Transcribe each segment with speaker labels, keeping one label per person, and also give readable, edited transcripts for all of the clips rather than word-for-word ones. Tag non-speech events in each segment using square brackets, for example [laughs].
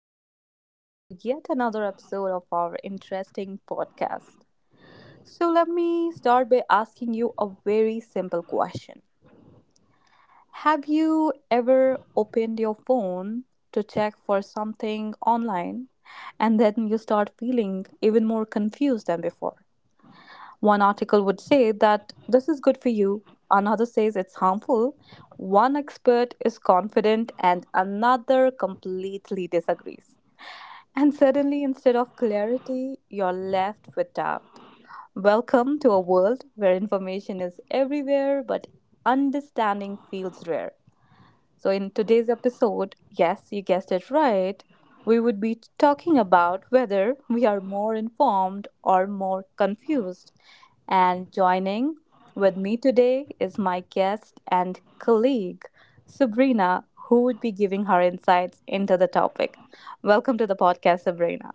Speaker 1: and welcome to yet another episode of our interesting podcast. So, let me start by asking you a very simple question. Have you ever opened your phone to check for something online and then you start feeling even more confused than before? One article would say that this is good for you, another says it's harmful. One expert is confident and another completely disagrees. And suddenly, instead of clarity, you're left with doubt. Welcome to a world where information is everywhere, but understanding feels rare. So, in today's episode, yes, you guessed it right, we would be talking about whether we are more informed or more confused. And joining with me today is my guest and colleague, Sabrina, who would be giving her insights into the topic. Welcome to the podcast, Sabrina.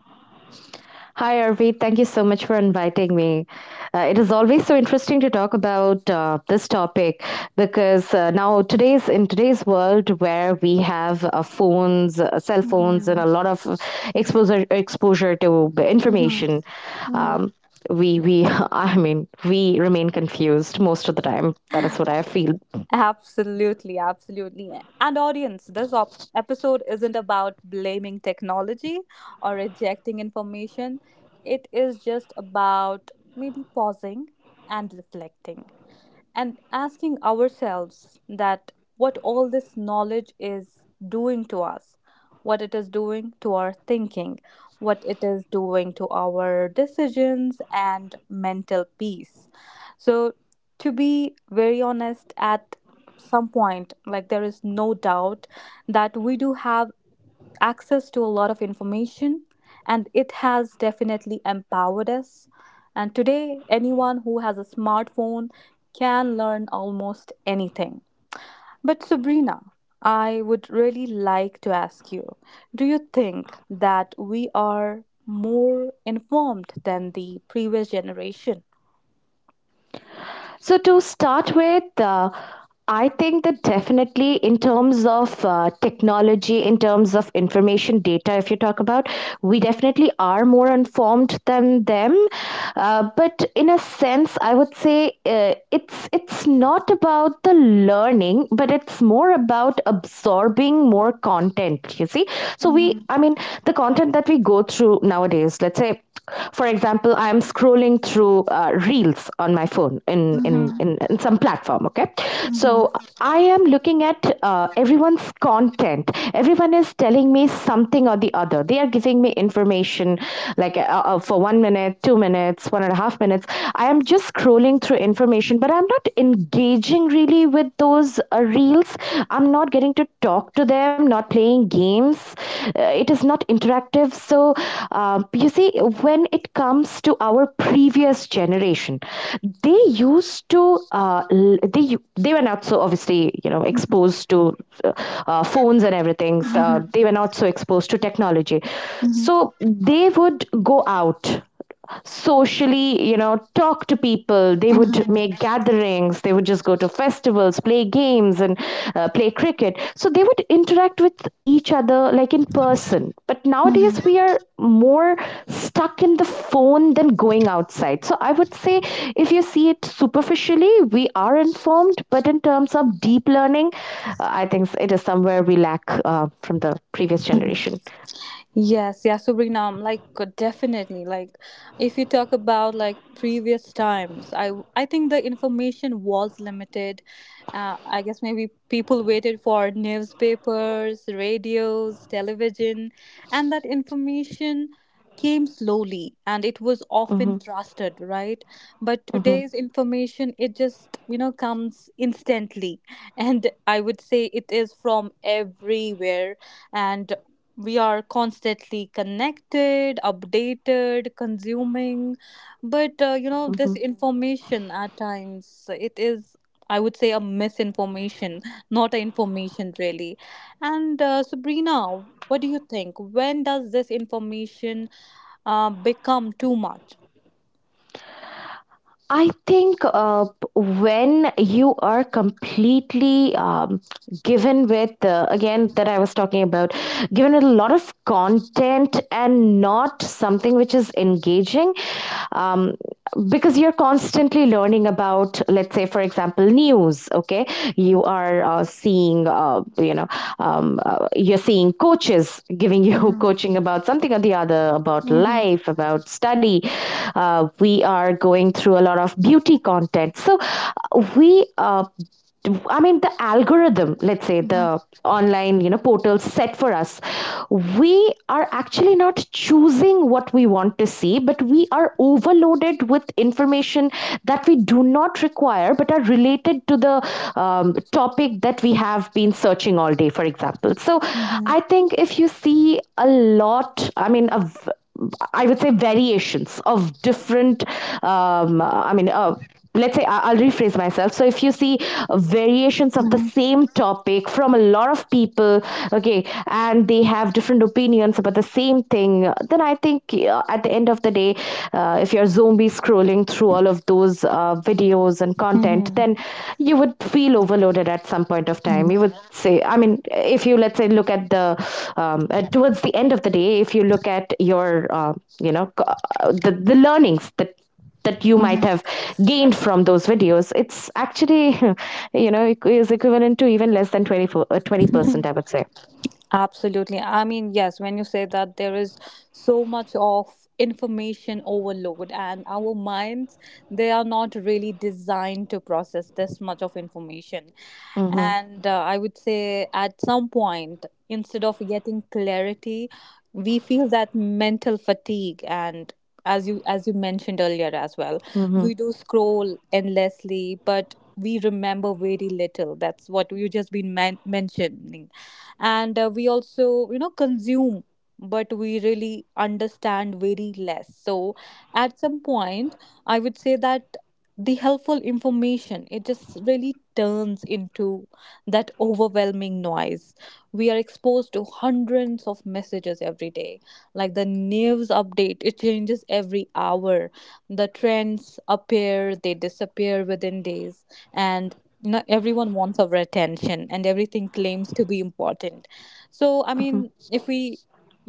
Speaker 2: Hi, Arvind. Thank you so much for inviting me. It is always so interesting to talk about this topic because now today's in today's world where we have phones, cell phones, and
Speaker 1: Mhm,
Speaker 2: a lot of exposure to
Speaker 1: mhm,
Speaker 2: information.
Speaker 1: mhm.
Speaker 2: Um, we we [laughs] we remain confused most of the time. That is
Speaker 1: [laughs]
Speaker 2: what I feel.
Speaker 1: Absolutely, absolutely. And audience, this episode isn't about blaming technology or rejecting information. It is just about maybe pausing and reflecting, and asking ourselves that what all this knowledge is doing to us, what it is doing to our thinking, what it is doing to our decisions and mental peace. So, to be very honest, at some point, like, there is no doubt that we do have access to a lot of information, and it has definitely empowered us. And today, anyone who has a smartphone can learn almost anything. But, Sabrina, I would really like to ask you, do you think that we are more informed than the previous generation?
Speaker 2: So, to start with, I think that definitely in terms of technology, in terms of information data, if you talk about, we definitely are more informed than them. But in a sense, I would say it's not about the learning, but it's more about absorbing more content. You see, so
Speaker 1: Mhm,
Speaker 2: the content that we go through nowadays, let's say, for example, I'm scrolling through reels on my phone in
Speaker 1: mhm,
Speaker 2: in some platform, okay.
Speaker 1: mhm,
Speaker 2: So I am looking at everyone's content. Everyone is telling me something or the other. They are giving me information like for 1 minute, 2 minutes, 1.5 minutes. I am just scrolling through information, but I'm not engaging really with those reels. I'm not getting to talk to them, not playing games. It is not interactive. So, you see, when it comes to our previous generation, they used to they they were not so obviously, you know, exposed to uh, phones and everything, so they were not so exposed to technology. So they would go out socially, you know, talk to people. They would
Speaker 1: mhm,
Speaker 2: make gatherings. They would just go to festivals, play games, and play cricket. So they would interact with each other like in person. But
Speaker 1: mhm,
Speaker 2: nowadays, we are more stuck in the phone than going outside. So I would say if you see it superficially, we are informed. But in terms of deep learning, I think it is somewhere we lack from the previous
Speaker 1: mhm.
Speaker 2: generation.
Speaker 1: Yes, yeah, Suriname, like, definitely. Like, if you talk about like previous times, I think the information was limited. I guess maybe people waited for newspapers, radios, television, and that information came slowly and it was often
Speaker 2: Hmm.
Speaker 1: trusted, right? But
Speaker 2: Hmm.
Speaker 1: today's information, it just, you know, comes instantly. [laughs] And I would say it is from everywhere. And we are constantly connected, updated, consuming, but you know,
Speaker 2: Hmm.
Speaker 1: this information at times, it is, I would say, a misinformation, not a information really. And Sabrina, what do you think? When does this information become too much?
Speaker 2: I think when you are completely given with, again, that I was talking about, given a lot of content and not something which is engaging, um, because you're constantly learning about, let's say, for example, news, okay? You are seeing, you know, you're seeing coaches giving you [laughs]
Speaker 1: Mhm,
Speaker 2: coaching about something or the other, about
Speaker 1: mhm,
Speaker 2: life, about study. We are going through a lot of beauty content. So we uh, I mean, the algorithm, let's say
Speaker 1: mhm,
Speaker 2: the online, you know, portal set for us, we are actually not choosing what we want to see, but we are overloaded with information that we do not require, but are related to the topic that we have been searching all day, for example. So
Speaker 1: mhm,
Speaker 2: I think if you see a lot, I mean, of I would say variations of different, um, I mean, uh, will rephrase myself. So if you see variations of the same topic from a lot of people, okay, and they have different opinions about the same thing, then I think at the end of the day, if you're zombie scrolling through all of those videos and content,
Speaker 1: mhm,
Speaker 2: then you would feel overloaded. At some point of time you would
Speaker 1: mhm,
Speaker 2: say, I mean, if you let's say look at the towards the end of the day, if you look at your the learnings that you might
Speaker 1: mhm,
Speaker 2: have gained from those videos, it's actually [laughs] you know, is equivalent to even less than 24 uh, 20%
Speaker 1: mhm.
Speaker 2: I would say.
Speaker 1: Absolutely. I mean, yes, when you say that, there is so much of information overload, and our minds, they are not really designed to process this much of information.
Speaker 2: Mhm.
Speaker 1: And I would say at some point, instead of getting clarity, we feel that mental fatigue, and as you mentioned earlier as well,
Speaker 2: Mhm.
Speaker 1: we do scroll endlessly but we remember very little. That's what you just been mentioning. And we also, you know, consume, but we really understand very less. So at some point, I would say that the helpful information, it just really turns into that overwhelming noise. We are exposed to hundreds of messages every day. Like, the news update, it changes every hour. The trends appear, they disappear within days. And, you know, everyone wants our attention and everything claims to be important. So, I
Speaker 2: Mhm.
Speaker 1: mean, if we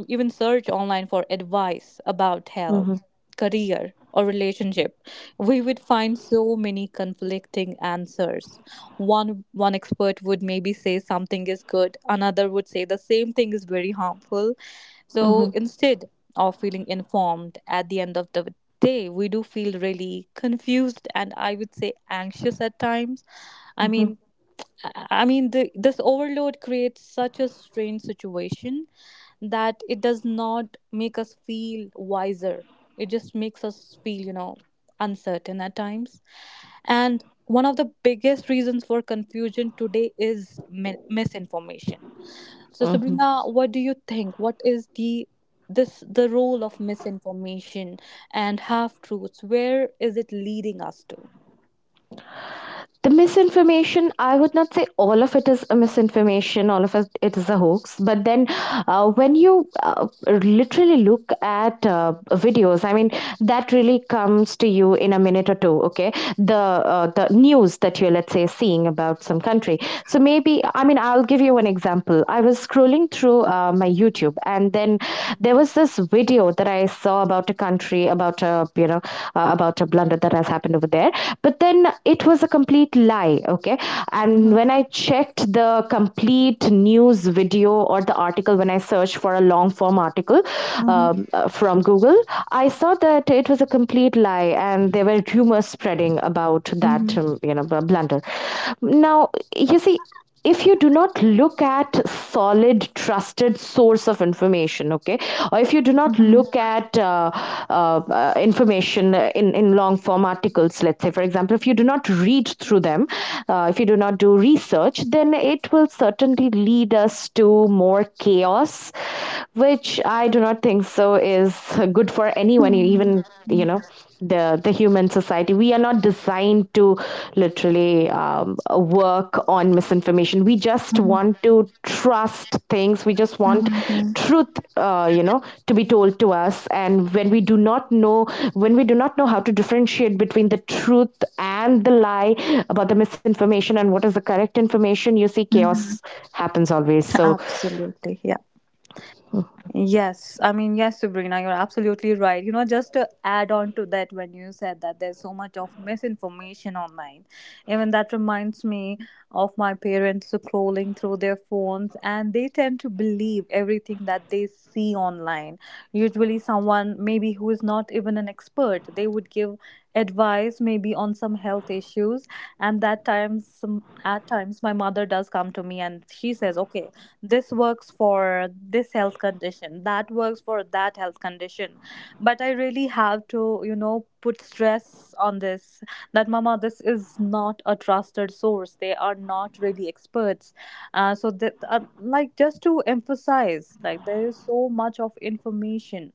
Speaker 1: even search online for advice about
Speaker 2: Mhm.
Speaker 1: health, career, or relationship, we would find so many conflicting answers. One expert would maybe say something is good, another would say the same thing is very harmful. So instead of feeling informed at the end of the day, we do feel really confused, and I would say anxious at times. i
Speaker 2: Mhm.
Speaker 1: mean i I mean the, this overload creates such a strange situation that it does not make us feel wiser. It just makes us feel, you know, uncertain at times. And one of the biggest reasons for confusion today is misinformation. So,
Speaker 2: Mhm.
Speaker 1: Sabrina, what do you think? What is the role of misinformation and half truths? Where is it leading us to?
Speaker 2: The misinformation, I would not say all of it is a misinformation, all of it, it is a hoax, but then when you literally look at videos, I mean that really comes to you in a minute or two, okay. The the news that you're, let's say, seeing about some country, so maybe, I mean, I'll give you an example. I was scrolling through my YouTube and then there was this video show that I saw about a country, about a, you know, about a blunder that has happened over there. But then it was a complete lie. Okay, and
Speaker 1: Mm-hmm.
Speaker 2: when I checked the complete news video or the article, when I searched for a long form article from Google, I saw that it was a complete lie, and there were rumors spreading about
Speaker 1: Mm-hmm.
Speaker 2: that, you know, blunder. Now you see, if you do not look at solid trusted source of information, okay, or if you do not look at uh, information in long form articles, let's say, for example, if you do not read through them, if you do not do research, then it will certainly lead us to more chaos, which I do not think so is good for anyone,
Speaker 1: Mm-hmm.
Speaker 2: even, you know, the human society. We are not designed to literally work on misinformation. We just
Speaker 1: Mhm,
Speaker 2: want to trust things. We just want
Speaker 1: mhm, mhm,
Speaker 2: truth, you know, to be told to us. And when we do not know, when we do not know how to differentiate between the truth and the lie, about the misinformation and what is the correct information, you see chaos
Speaker 1: mhm.
Speaker 2: happens always. So,
Speaker 1: Absolutely. Yes, I mean, yes, Sabrina, you're absolutely right. You know, just to add on to that, when you said that there's so much of misinformation online, even that reminds me of my parents scrolling through their phones, and they tend to believe everything that they see online. Usually, someone maybe who is not even an expert, they would give advice maybe on some health issues, and that times, some, at times, my mother does come to me and she says, okay, this works for this health condition, that works for that health condition, but I really have to, you know, put stress on this, that, mama, this is not a trusted source, they are not really experts. So that like, just to emphasize, like, there is so much of information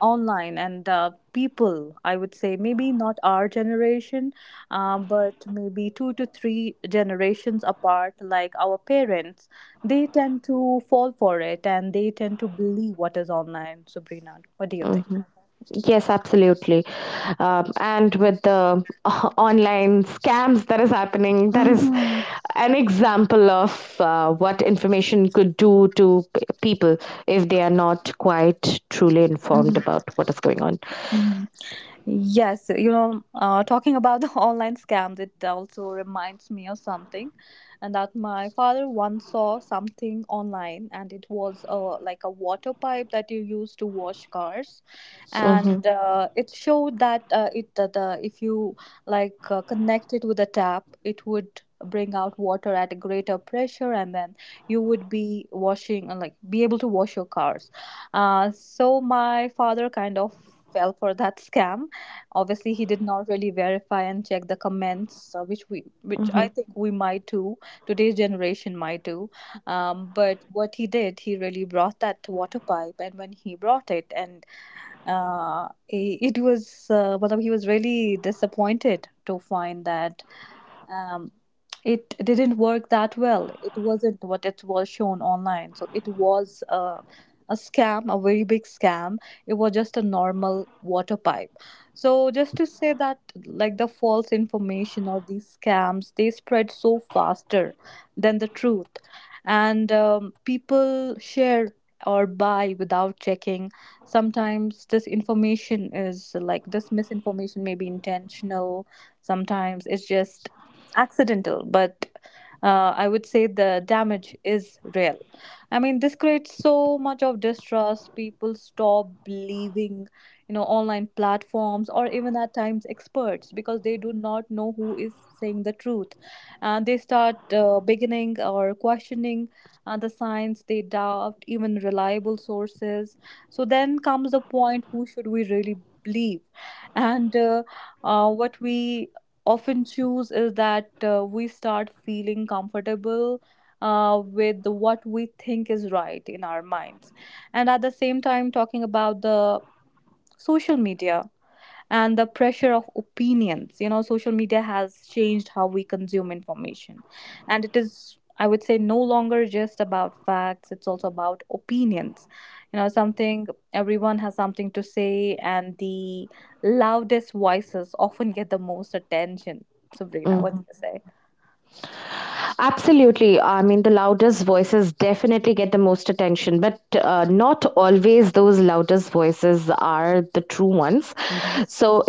Speaker 1: online, and people, I would say, maybe not our generation, but maybe two to three generations apart, like our parents, they tend to fall for it and they tend to believe what is online. Sabrina, what do you think?
Speaker 2: mhm. Yes, absolutely. And with the [laughs] online scams that is happening, that is
Speaker 1: Mm-hmm.
Speaker 2: an example of what information could do to p- people if they are not quite truly informed about what is going on.
Speaker 1: Mm-hmm. Yes, you know, talking about the [laughs] online scams, it also reminds me of something, and that my father once saw something online, and it was a like a water pipe that you use to wash cars, and
Speaker 2: Mm-hmm,
Speaker 1: Mhm. It showed that if you like connect it with a tap, it would bring out water at a greater pressure, and then you would be washing like, be able to wash your cars. So my father kind of fell for that [laughs] scam. Obviously he did not really verify and check the comments, which we, which
Speaker 2: mm-hmm.
Speaker 1: I think we might do, today's generation might do. But what he did, he really brought that water pipe, and when he brought it, and it was well, he was really disappointed to find that um, it didn't work that well. It wasn't what it was shown online. So it was a scam, a very big scam. It was just a normal water pipe. So just to say that, like, the false information or these scams, they spread so faster than the truth, and people share or buy without checking. Sometimes this information is like this misinformation may be intentional, sometimes it's just accidental, but I would say the damage is real. I mean, this creates so much of distrust. People stop believing, you know, online platforms or even at times experts, because they do not know who is saying the truth, and they start beginning or questioning. The science, they doubt even reliable sources. So then comes the point, who should we really believe? And what we often choose is that we start feeling comfortable with what we think is right in our minds. And at the same time, talking about the social media and the pressure of opinions, you know, social media has changed how we consume information, and it is, I would say, no longer just about facts, it's also about opinions. You know, something, everyone has something to say, and the loudest voices often get the most attention. Sabrina, what
Speaker 2: Mm-hmm.
Speaker 1: do you say?
Speaker 2: Absolutely. I mean, the loudest voices definitely get the most attention, but not always those loudest voices are the true ones.
Speaker 1: Mhm.
Speaker 2: So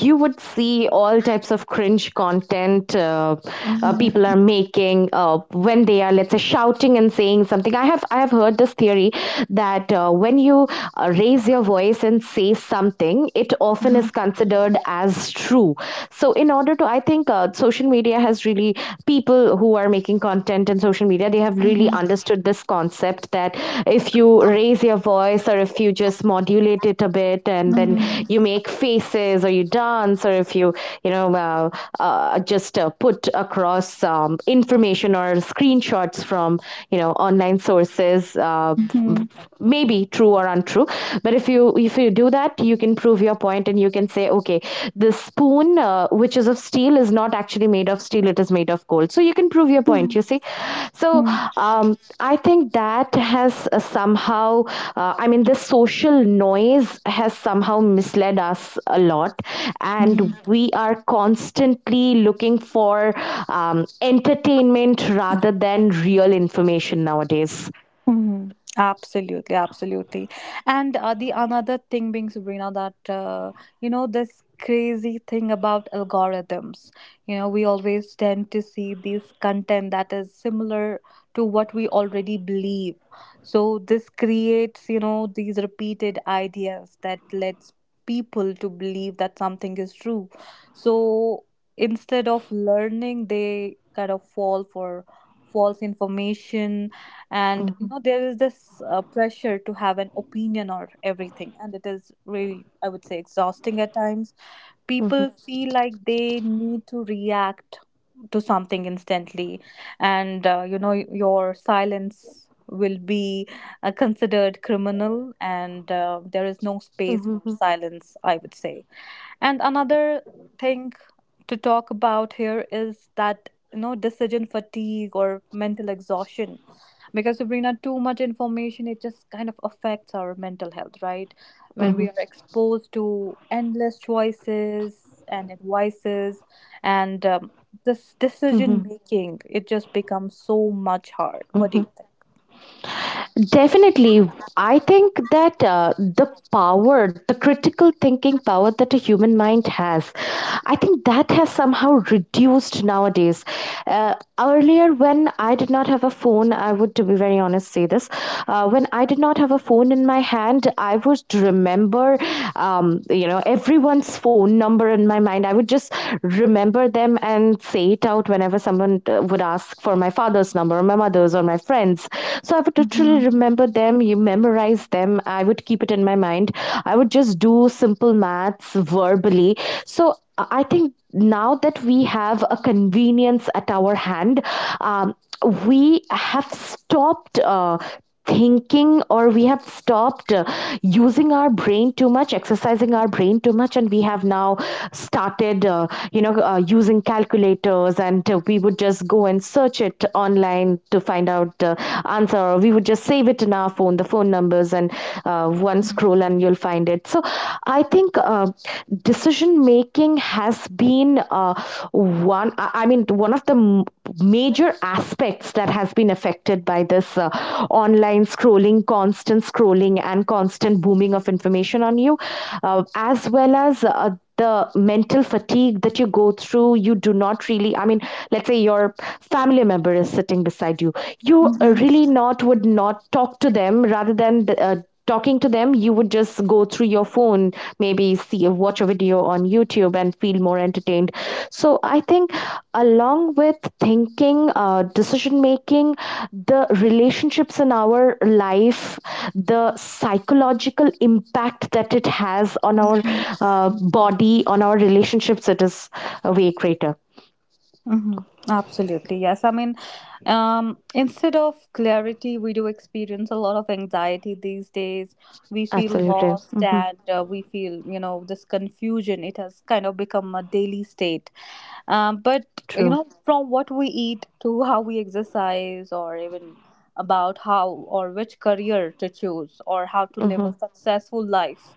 Speaker 2: you would see all types of cringe content
Speaker 1: Mhm.
Speaker 2: people are making when they are, let's say, shouting and saying something. I have heard this theory that when you raise your voice and say something, it often is
Speaker 1: Mhm.
Speaker 2: considered as true. So in order to, I think, social media has really, people who are making content in social media, they have really
Speaker 1: Mhm.
Speaker 2: understood this concept that if you raise your voice or if you just modulate it a bit and then you make faces or you dance or if you, you know, just put across information or screenshots from, you know, online sources,
Speaker 1: Mhm. Mhm.
Speaker 2: maybe true or untrue, but if you do that, you can prove your point and you can say, okay, this spoon, which is of steel, is not actually made of steel, it is made of gold. So you can prove your point, you see. So,
Speaker 1: Mhm.
Speaker 2: um, I think that has somehow I mean, this social noise has somehow misled us a lot, and
Speaker 1: Mhm.
Speaker 2: we are constantly looking for entertainment rather than real information nowadays.
Speaker 1: Mhm. Absolutely, absolutely. And the another thing being, Sabrina, that you know, this crazy thing about algorithms. You know, we always tend to see these content that is similar to what we already believe. So this creates, you know, these repeated ideas that lets people to believe that something is true. So instead of learning, they kind of fall for false information. And you
Speaker 2: Mhm,
Speaker 1: know there is this pressure to have an opinion on everything, and it is really, I would say, exhausting at times.
Speaker 2: mhm,
Speaker 1: People feel like they need to react to something instantly, and you know, your silence will be considered criminal, and there is no space for
Speaker 2: mhm,
Speaker 1: silence, I would say. And another thing to talk about here is that, you know, decision fatigue or mental exhaustion, because, Sabrina, too much information, it just kind of affects our mental health, right?
Speaker 2: mhm,
Speaker 1: When we
Speaker 2: mhm,
Speaker 1: are exposed to endless choices and advices, and this decision
Speaker 2: mhm,
Speaker 1: making, it just becomes so much hard. What do
Speaker 2: mhm.
Speaker 1: you think?
Speaker 2: Definitely. I think that the power, the critical thinking power that a human mind has, I think that has somehow reduced nowadays. Earlier, when I did not have a phone, I would, to be very honest, say this. When I did not have a phone in my hand, I would remember, you know, everyone's phone number in my mind. I would just remember them and say it out whenever someone would ask for my father's number or my mother's or my friend's. So I would
Speaker 1: Mm-hmm.
Speaker 2: literally remember them, you memorize them. I would keep it in my mind. I would just do simple maths verbally. So I think now that we have a convenience at our hand, um, we have stopped thinking, or we have stopped using our brain too much, exercising our brain too much, and we have now started you know, using calculators, and we would just go and search it online to find out the answer, or we would just save it in our phone, the phone numbers, and one scroll and you'll find it. So I think decision making has been one I mean one of the major aspects that has been affected by this online scrolling, constant scrolling and constant booming of information on you, as well as the mental fatigue that you go through. You do not really, I mean, let's say your family member is sitting beside you, you really not would not talk to them. Rather than talking to them, you would just go through your phone, maybe see watch a video on YouTube and feel more entertained. So I think along with thinking, decision making, the relationships in our life, the psychological impact that it has on our
Speaker 1: Mm-hmm.
Speaker 2: uh, body, on our relationships, it is way greater.
Speaker 1: Hmm. Absolutely, yes. I mean, instead of clarity, we do experience a lot of anxiety these days. We feel
Speaker 2: Absolutely.
Speaker 1: lost,
Speaker 2: Hmm.
Speaker 1: and we feel, you know, this confusion. It has kind of become a daily state. But you
Speaker 2: True.
Speaker 1: know, from what we eat to how we exercise or even about how or which career to choose or how to live
Speaker 2: Hmm.
Speaker 1: a successful life,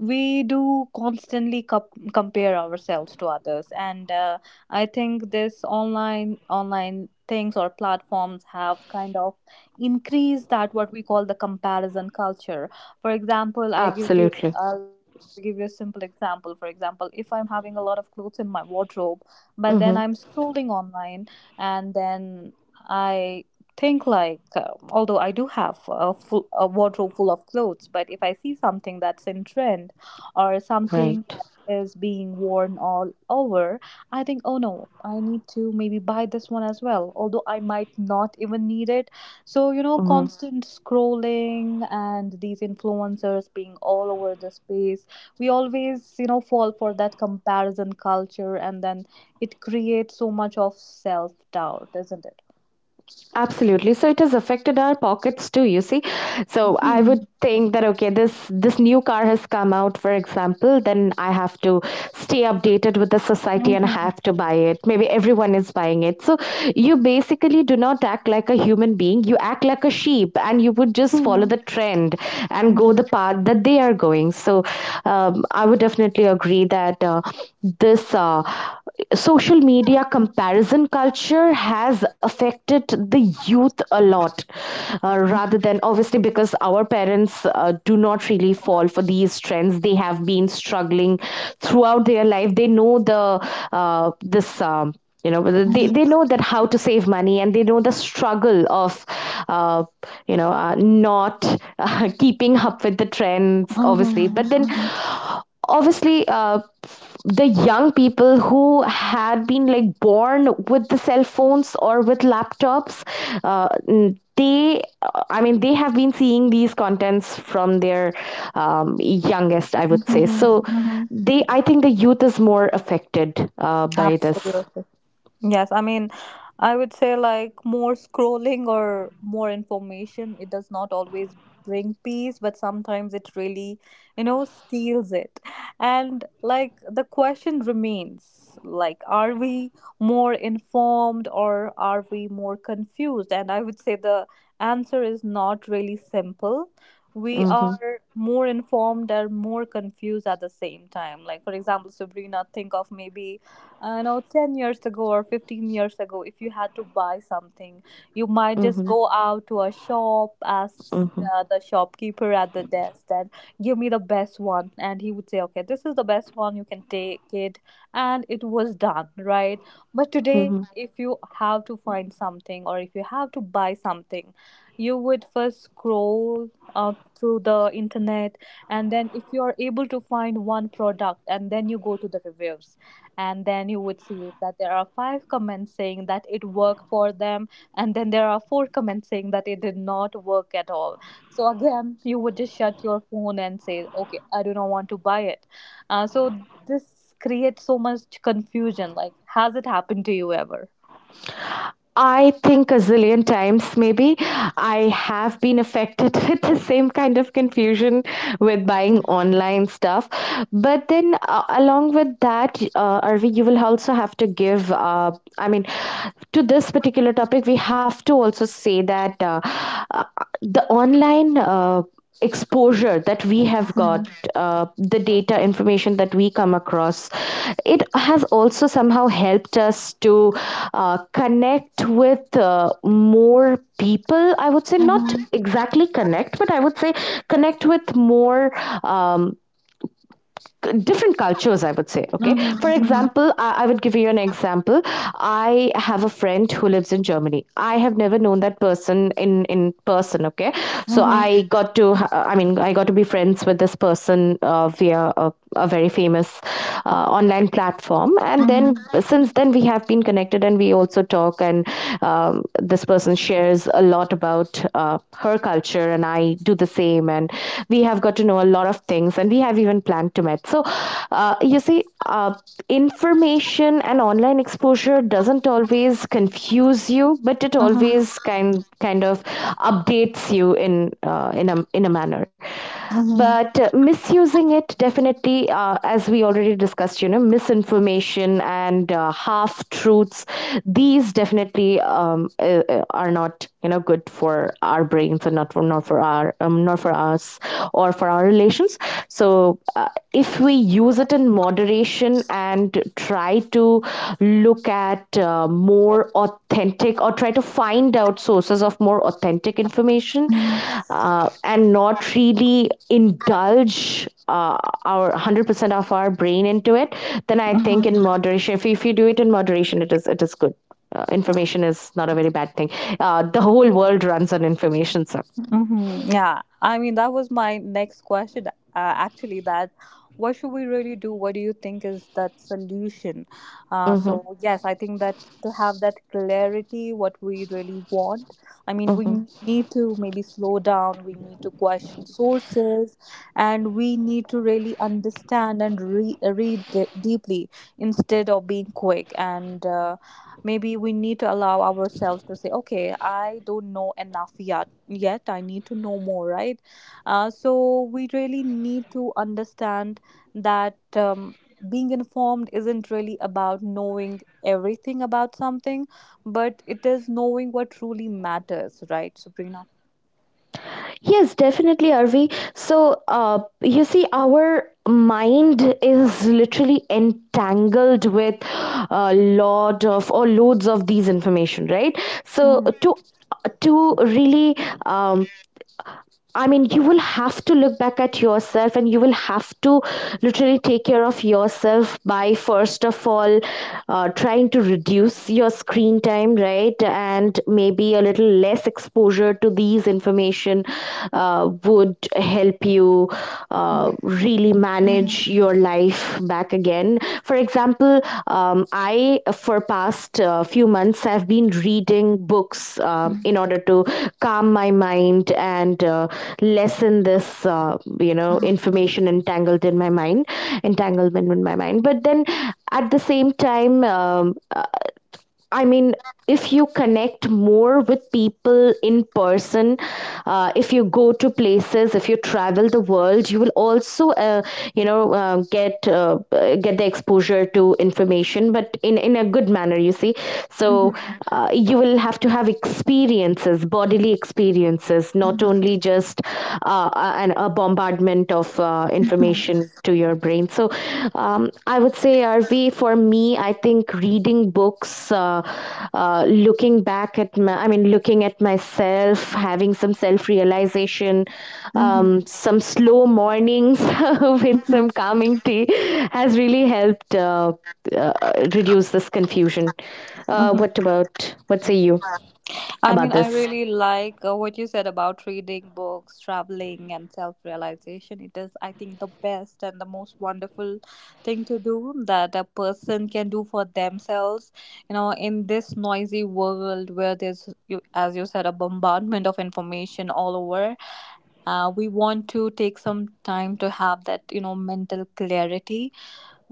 Speaker 1: we do constantly compare ourselves to others. And I think this online things or platforms have kind of increased that what we call the comparison culture. For example,
Speaker 2: Absolutely.
Speaker 1: I'll give you a simple example. For example, if I'm having a lot of clothes in my wardrobe, but then I'm
Speaker 2: Hmm.
Speaker 1: scrolling online and then I think like although I do have a wardrobe full of clothes, but if I see something that's in trend or something
Speaker 2: Right.
Speaker 1: that is being worn all over, I think, oh no, I need to maybe buy this one as well, although I might not even need it. So,
Speaker 2: Mm-hmm.
Speaker 1: constant scrolling and these influencers being all over the space, we always, fall for that comparison culture, and then it creates so much of self doubt, isn't it?
Speaker 2: Absolutely. So it has affected our pockets too, you see. So I
Speaker 1: Hmm.
Speaker 2: would think that, okay, this new car has come out, for example, then I have to stay updated with the society and
Speaker 1: Mhm.
Speaker 2: have to buy it. Maybe everyone is buying it, so you basically do not act like a human being, you act like a sheep and you would just follow
Speaker 1: Mhm.
Speaker 2: the trend and go
Speaker 1: Mhm.
Speaker 2: the path that they are going. So I would definitely agree that this social media comparison culture has affected the youth a lot, rather than obviously because our parents do not really fall for these trends. They have been struggling throughout their life. They know the this you know they,
Speaker 1: Mhm.
Speaker 2: they know that how to save money and they know the struggle of uh, not [laughs] keeping up with the trends, obviously. But then
Speaker 1: Mhm.
Speaker 2: obviously, the young people who had been like born with the cell phones or with laptops, uh, they I mean, they have been seeing these contents from their youngest, I would say.
Speaker 1: Mhm.
Speaker 2: So
Speaker 1: Mhm.
Speaker 2: they, I think the youth is more affected by this.
Speaker 1: Absolutely. Yes, I mean, I would say like more scrolling or more information, it does not always bring peace, but sometimes it really, you know, steals it. And like the question remains like, are we more informed or are we more confused? And I would say the answer is not really simple. We
Speaker 2: Mm-hmm,
Speaker 1: are more informed and more confused at the same time. Like, for example, Sabrina, think of maybe you know, 10 years ago or 15 years ago, if you had to buy something, you might just
Speaker 2: mm-hmm,
Speaker 1: go out to a shop, ask
Speaker 2: mm-hmm,
Speaker 1: the shopkeeper at the desk and give me the best one, and he would say okay, this is the best one, you can take it, and it was done, right? But today,
Speaker 2: mm-hmm.
Speaker 1: if you have to find something or if you have to buy something, you would first scroll uh, through the internet, and then if you are able to find one product, and then you go to the reviews, and then you would see that there are five comments saying that it worked for them, and then there are four comments saying that it did not work at all. So again, you would just shut your phone and say okay, I do not want to buy it. So this creates so much confusion. Like, has it happened to you ever?
Speaker 2: I think a zillion times, maybe I have been affected [laughs] with the same kind of confusion with buying online stuff. But then, along with that, Arvi, you will also have to give, I mean, to this particular topic, we have to also say that uh, the online. Exposure that we have
Speaker 1: Mhm,
Speaker 2: got, the data information that we come across, it has also somehow helped us to connect with more people, I would say. Not
Speaker 1: mhm,
Speaker 2: exactly connect, but I would say connect with more um, different cultures, I would say. Okay, for
Speaker 1: mhm,
Speaker 2: example, I would give you an example. I have a friend who lives in Germany. I have never known that person in person, okay. So
Speaker 1: mhm,
Speaker 2: I got to, I mean, I got to be friends with this person via a very famous online platform, and
Speaker 1: mhm, mhm,
Speaker 2: then since then we have been connected and we also talk. And this person shares a lot about her culture and I do the same, and we have got to know a lot of things and we have even planned to meet. So you see, information and online exposure doesn't always confuse you, but it
Speaker 1: mhm,
Speaker 2: always kind of updates you in a manner.
Speaker 1: mhm,
Speaker 2: But misusing it definitely, as we already discussed, you know, misinformation and, half truths, these definitely are not, you know, good for our brains and not for, not for our not for our us or for our relations. So, uh, if we use it in moderation and try to look at more authentic or try to find out sources of more authentic information,
Speaker 1: mhm,
Speaker 2: and not really indulge uh, our 100% of our brain into it, then I think
Speaker 1: mhm,
Speaker 2: in moderation, if you do it in moderation, it is good. Information is not a very bad thing. The whole world runs on information, sir.
Speaker 1: hmm. Yeah, I mean, that was my next question, actually, that what should we really do? What do you think is that solution? Uh,
Speaker 2: Mm-hmm,
Speaker 1: so, yes, I think that to have that clarity, what we really want, I mean, we
Speaker 2: mm-hmm.
Speaker 1: need to maybe slow down, we need to question sources, and we need to really understand and read deeply instead of being quick. And maybe we need to allow ourselves to say okay, I don't know enough yet, I need to know more, right? So we really need to understand that being informed isn't really about knowing everything about something, but it is knowing what truly matters, right, Sabrina?
Speaker 2: Yes, definitely, Arvi. So, you see, our mind is literally entangled with a lot of or loads of these information, right? So,
Speaker 1: Mhm,
Speaker 2: to really, um, I mean, you will have to look back at yourself and you will have to literally take care of yourself by, first of all, trying to reduce your screen time, right? And maybe a little less exposure to these information would help you
Speaker 1: mhm,
Speaker 2: really
Speaker 1: mhm,
Speaker 2: manage your life back again. For example, I for past few months I've been reading books in order to calm my mind and, lessen this uh, information entangled in my mind, entanglement in my mind. But then at the same time, I mean, if you connect more with people in person, if you go to places, if you travel the world, you will also, get the exposure to information, but in a good manner. You see, so
Speaker 1: mhm,
Speaker 2: you will have to have experiences, bodily experiences,
Speaker 1: mhm,
Speaker 2: not only
Speaker 1: mhm,
Speaker 2: just a bombardment of information to your brain. So, I would say, RV, for me, I think reading books, looking back at my, I mean, looking at myself, having some self realization,
Speaker 1: mhm,
Speaker 2: some slow mornings [laughs] with
Speaker 1: mhm,
Speaker 2: some calming tea has really helped uh, reduce this confusion.
Speaker 1: mhm.
Speaker 2: What about, what say you
Speaker 1: I mean,
Speaker 2: about
Speaker 1: I
Speaker 2: this?
Speaker 1: really like what you said about reading books, traveling, and self realization. It is, I think, the best and the most wonderful thing to do that a person can do for themselves. You know, in this noisy world where there's, you, as you said, a bombardment of information all over, we want to take some time to have that, you know, mental clarity.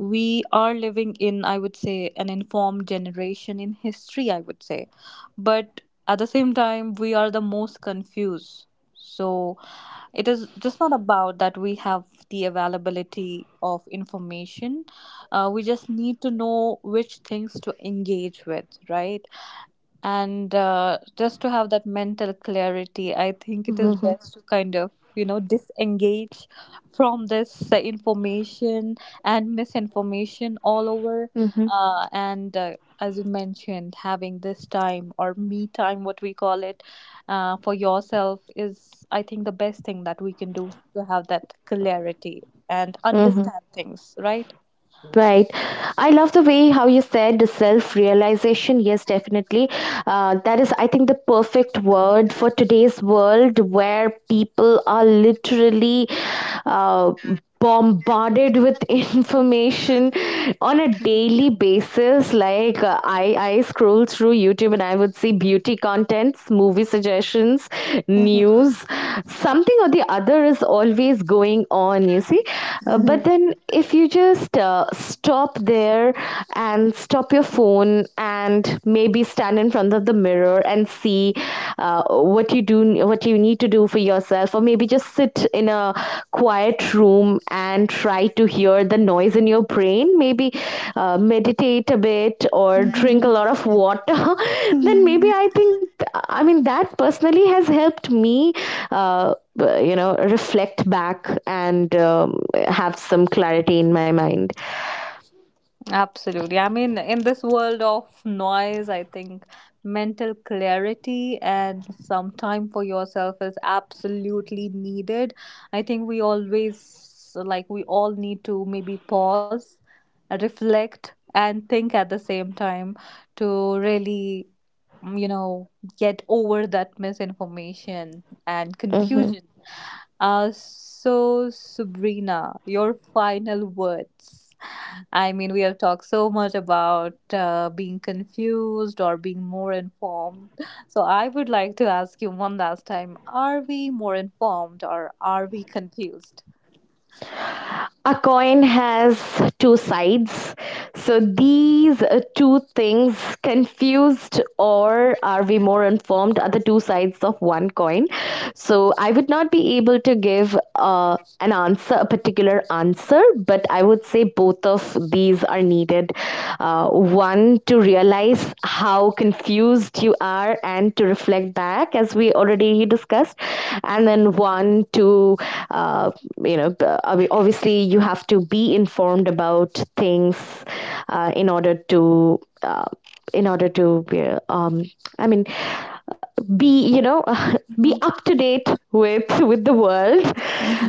Speaker 1: We are living in, I would say, an informed generation in history, I would say, but at the same time we are the most confused. So it is just not about that we have the availability of information. We just need to know which things to engage with, right? And just to have that mental clarity, I think it is
Speaker 2: Mm-hmm.
Speaker 1: best to kind of, you know, disengage from this information and misinformation all over.
Speaker 2: Mm-hmm.
Speaker 1: And as you mentioned, having this time or me time, what we call it, for yourself is, I think, the best thing that we can do to have that clarity and
Speaker 2: Mm-hmm.
Speaker 1: understand things, right?
Speaker 2: Right. I love the way how you said the self realization. Yes, definitely. That is, I think, the perfect word for today's world where people are literally uh, bombarded with [laughs] information on a daily basis. Like, I scroll through YouTube and I would see beauty contents, movie suggestions,
Speaker 1: Mhm.
Speaker 2: news. Something or the other is always going on, you see. But
Speaker 1: Mhm.
Speaker 2: then, if you just stop there and stop your phone and maybe stand in front of the mirror and see what you do, what you need to do for yourself, or maybe just sit in a quiet room and try to hear the noise in your brain, maybe meditate a bit or drink a
Speaker 1: Mhm.
Speaker 2: lot of water [laughs] then maybe
Speaker 1: Mhm.
Speaker 2: I think, I mean that personally has helped me uh, you know reflect back and have some clarity in my mind.
Speaker 1: Absolutely. I mean, in this world of noise, I think mental clarity and some time for yourself is absolutely needed. I think we always, like, we all need to maybe pause, reflect, and think at the same time to really, you know, get over that misinformation and
Speaker 2: Mhm.
Speaker 1: confusion. So, Sabrina, your final words. I mean, we have talked so much about being confused or being more informed. So, I would like to ask you one last time, are we more informed or are we confused?
Speaker 2: A coin has two sides. So these two things, confused or are we more informed, are the two sides of one coin. So I would not be able to give an answer, a particular answer, but I would say both of these are needed. One, to realize how confused you are and to reflect back, as we already discussed. And then one, to, uh, you know, obviously you have to be informed about things in order to. In order to i mean be, you know, [laughs] be
Speaker 1: Mhm.
Speaker 2: up to date with the world,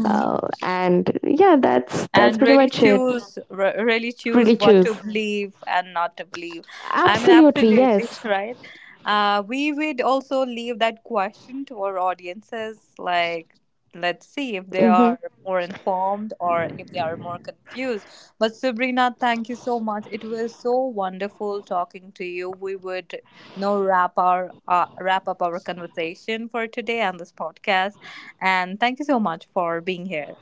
Speaker 2: uh, and yeah, that's
Speaker 1: And
Speaker 2: pretty
Speaker 1: really
Speaker 2: much it.
Speaker 1: choose really choose
Speaker 2: Really
Speaker 1: what to
Speaker 2: choose.
Speaker 1: believe and not to believe. I mean,
Speaker 2: Absolutely,
Speaker 1: absolutely, [laughs]
Speaker 2: yes.
Speaker 1: right? We would also leave that question to our audiences. Like, let's see if they
Speaker 2: Hmm.
Speaker 1: are more informed or if they are more confused. But Sabrina, thank you so much, it was so wonderful talking to you. We would, you know, wrap our wrap up our conversation for today and this podcast, and thank you so much for being here.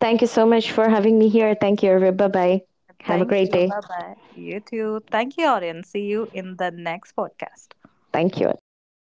Speaker 2: Thank you so much for having me here. Thank you, Arif. Bye bye. Have a
Speaker 1: Thank
Speaker 2: great
Speaker 1: you.
Speaker 2: day.
Speaker 1: Bye bye. You too. Thank you, audience. See you in the next podcast.
Speaker 2: Thank you, audience.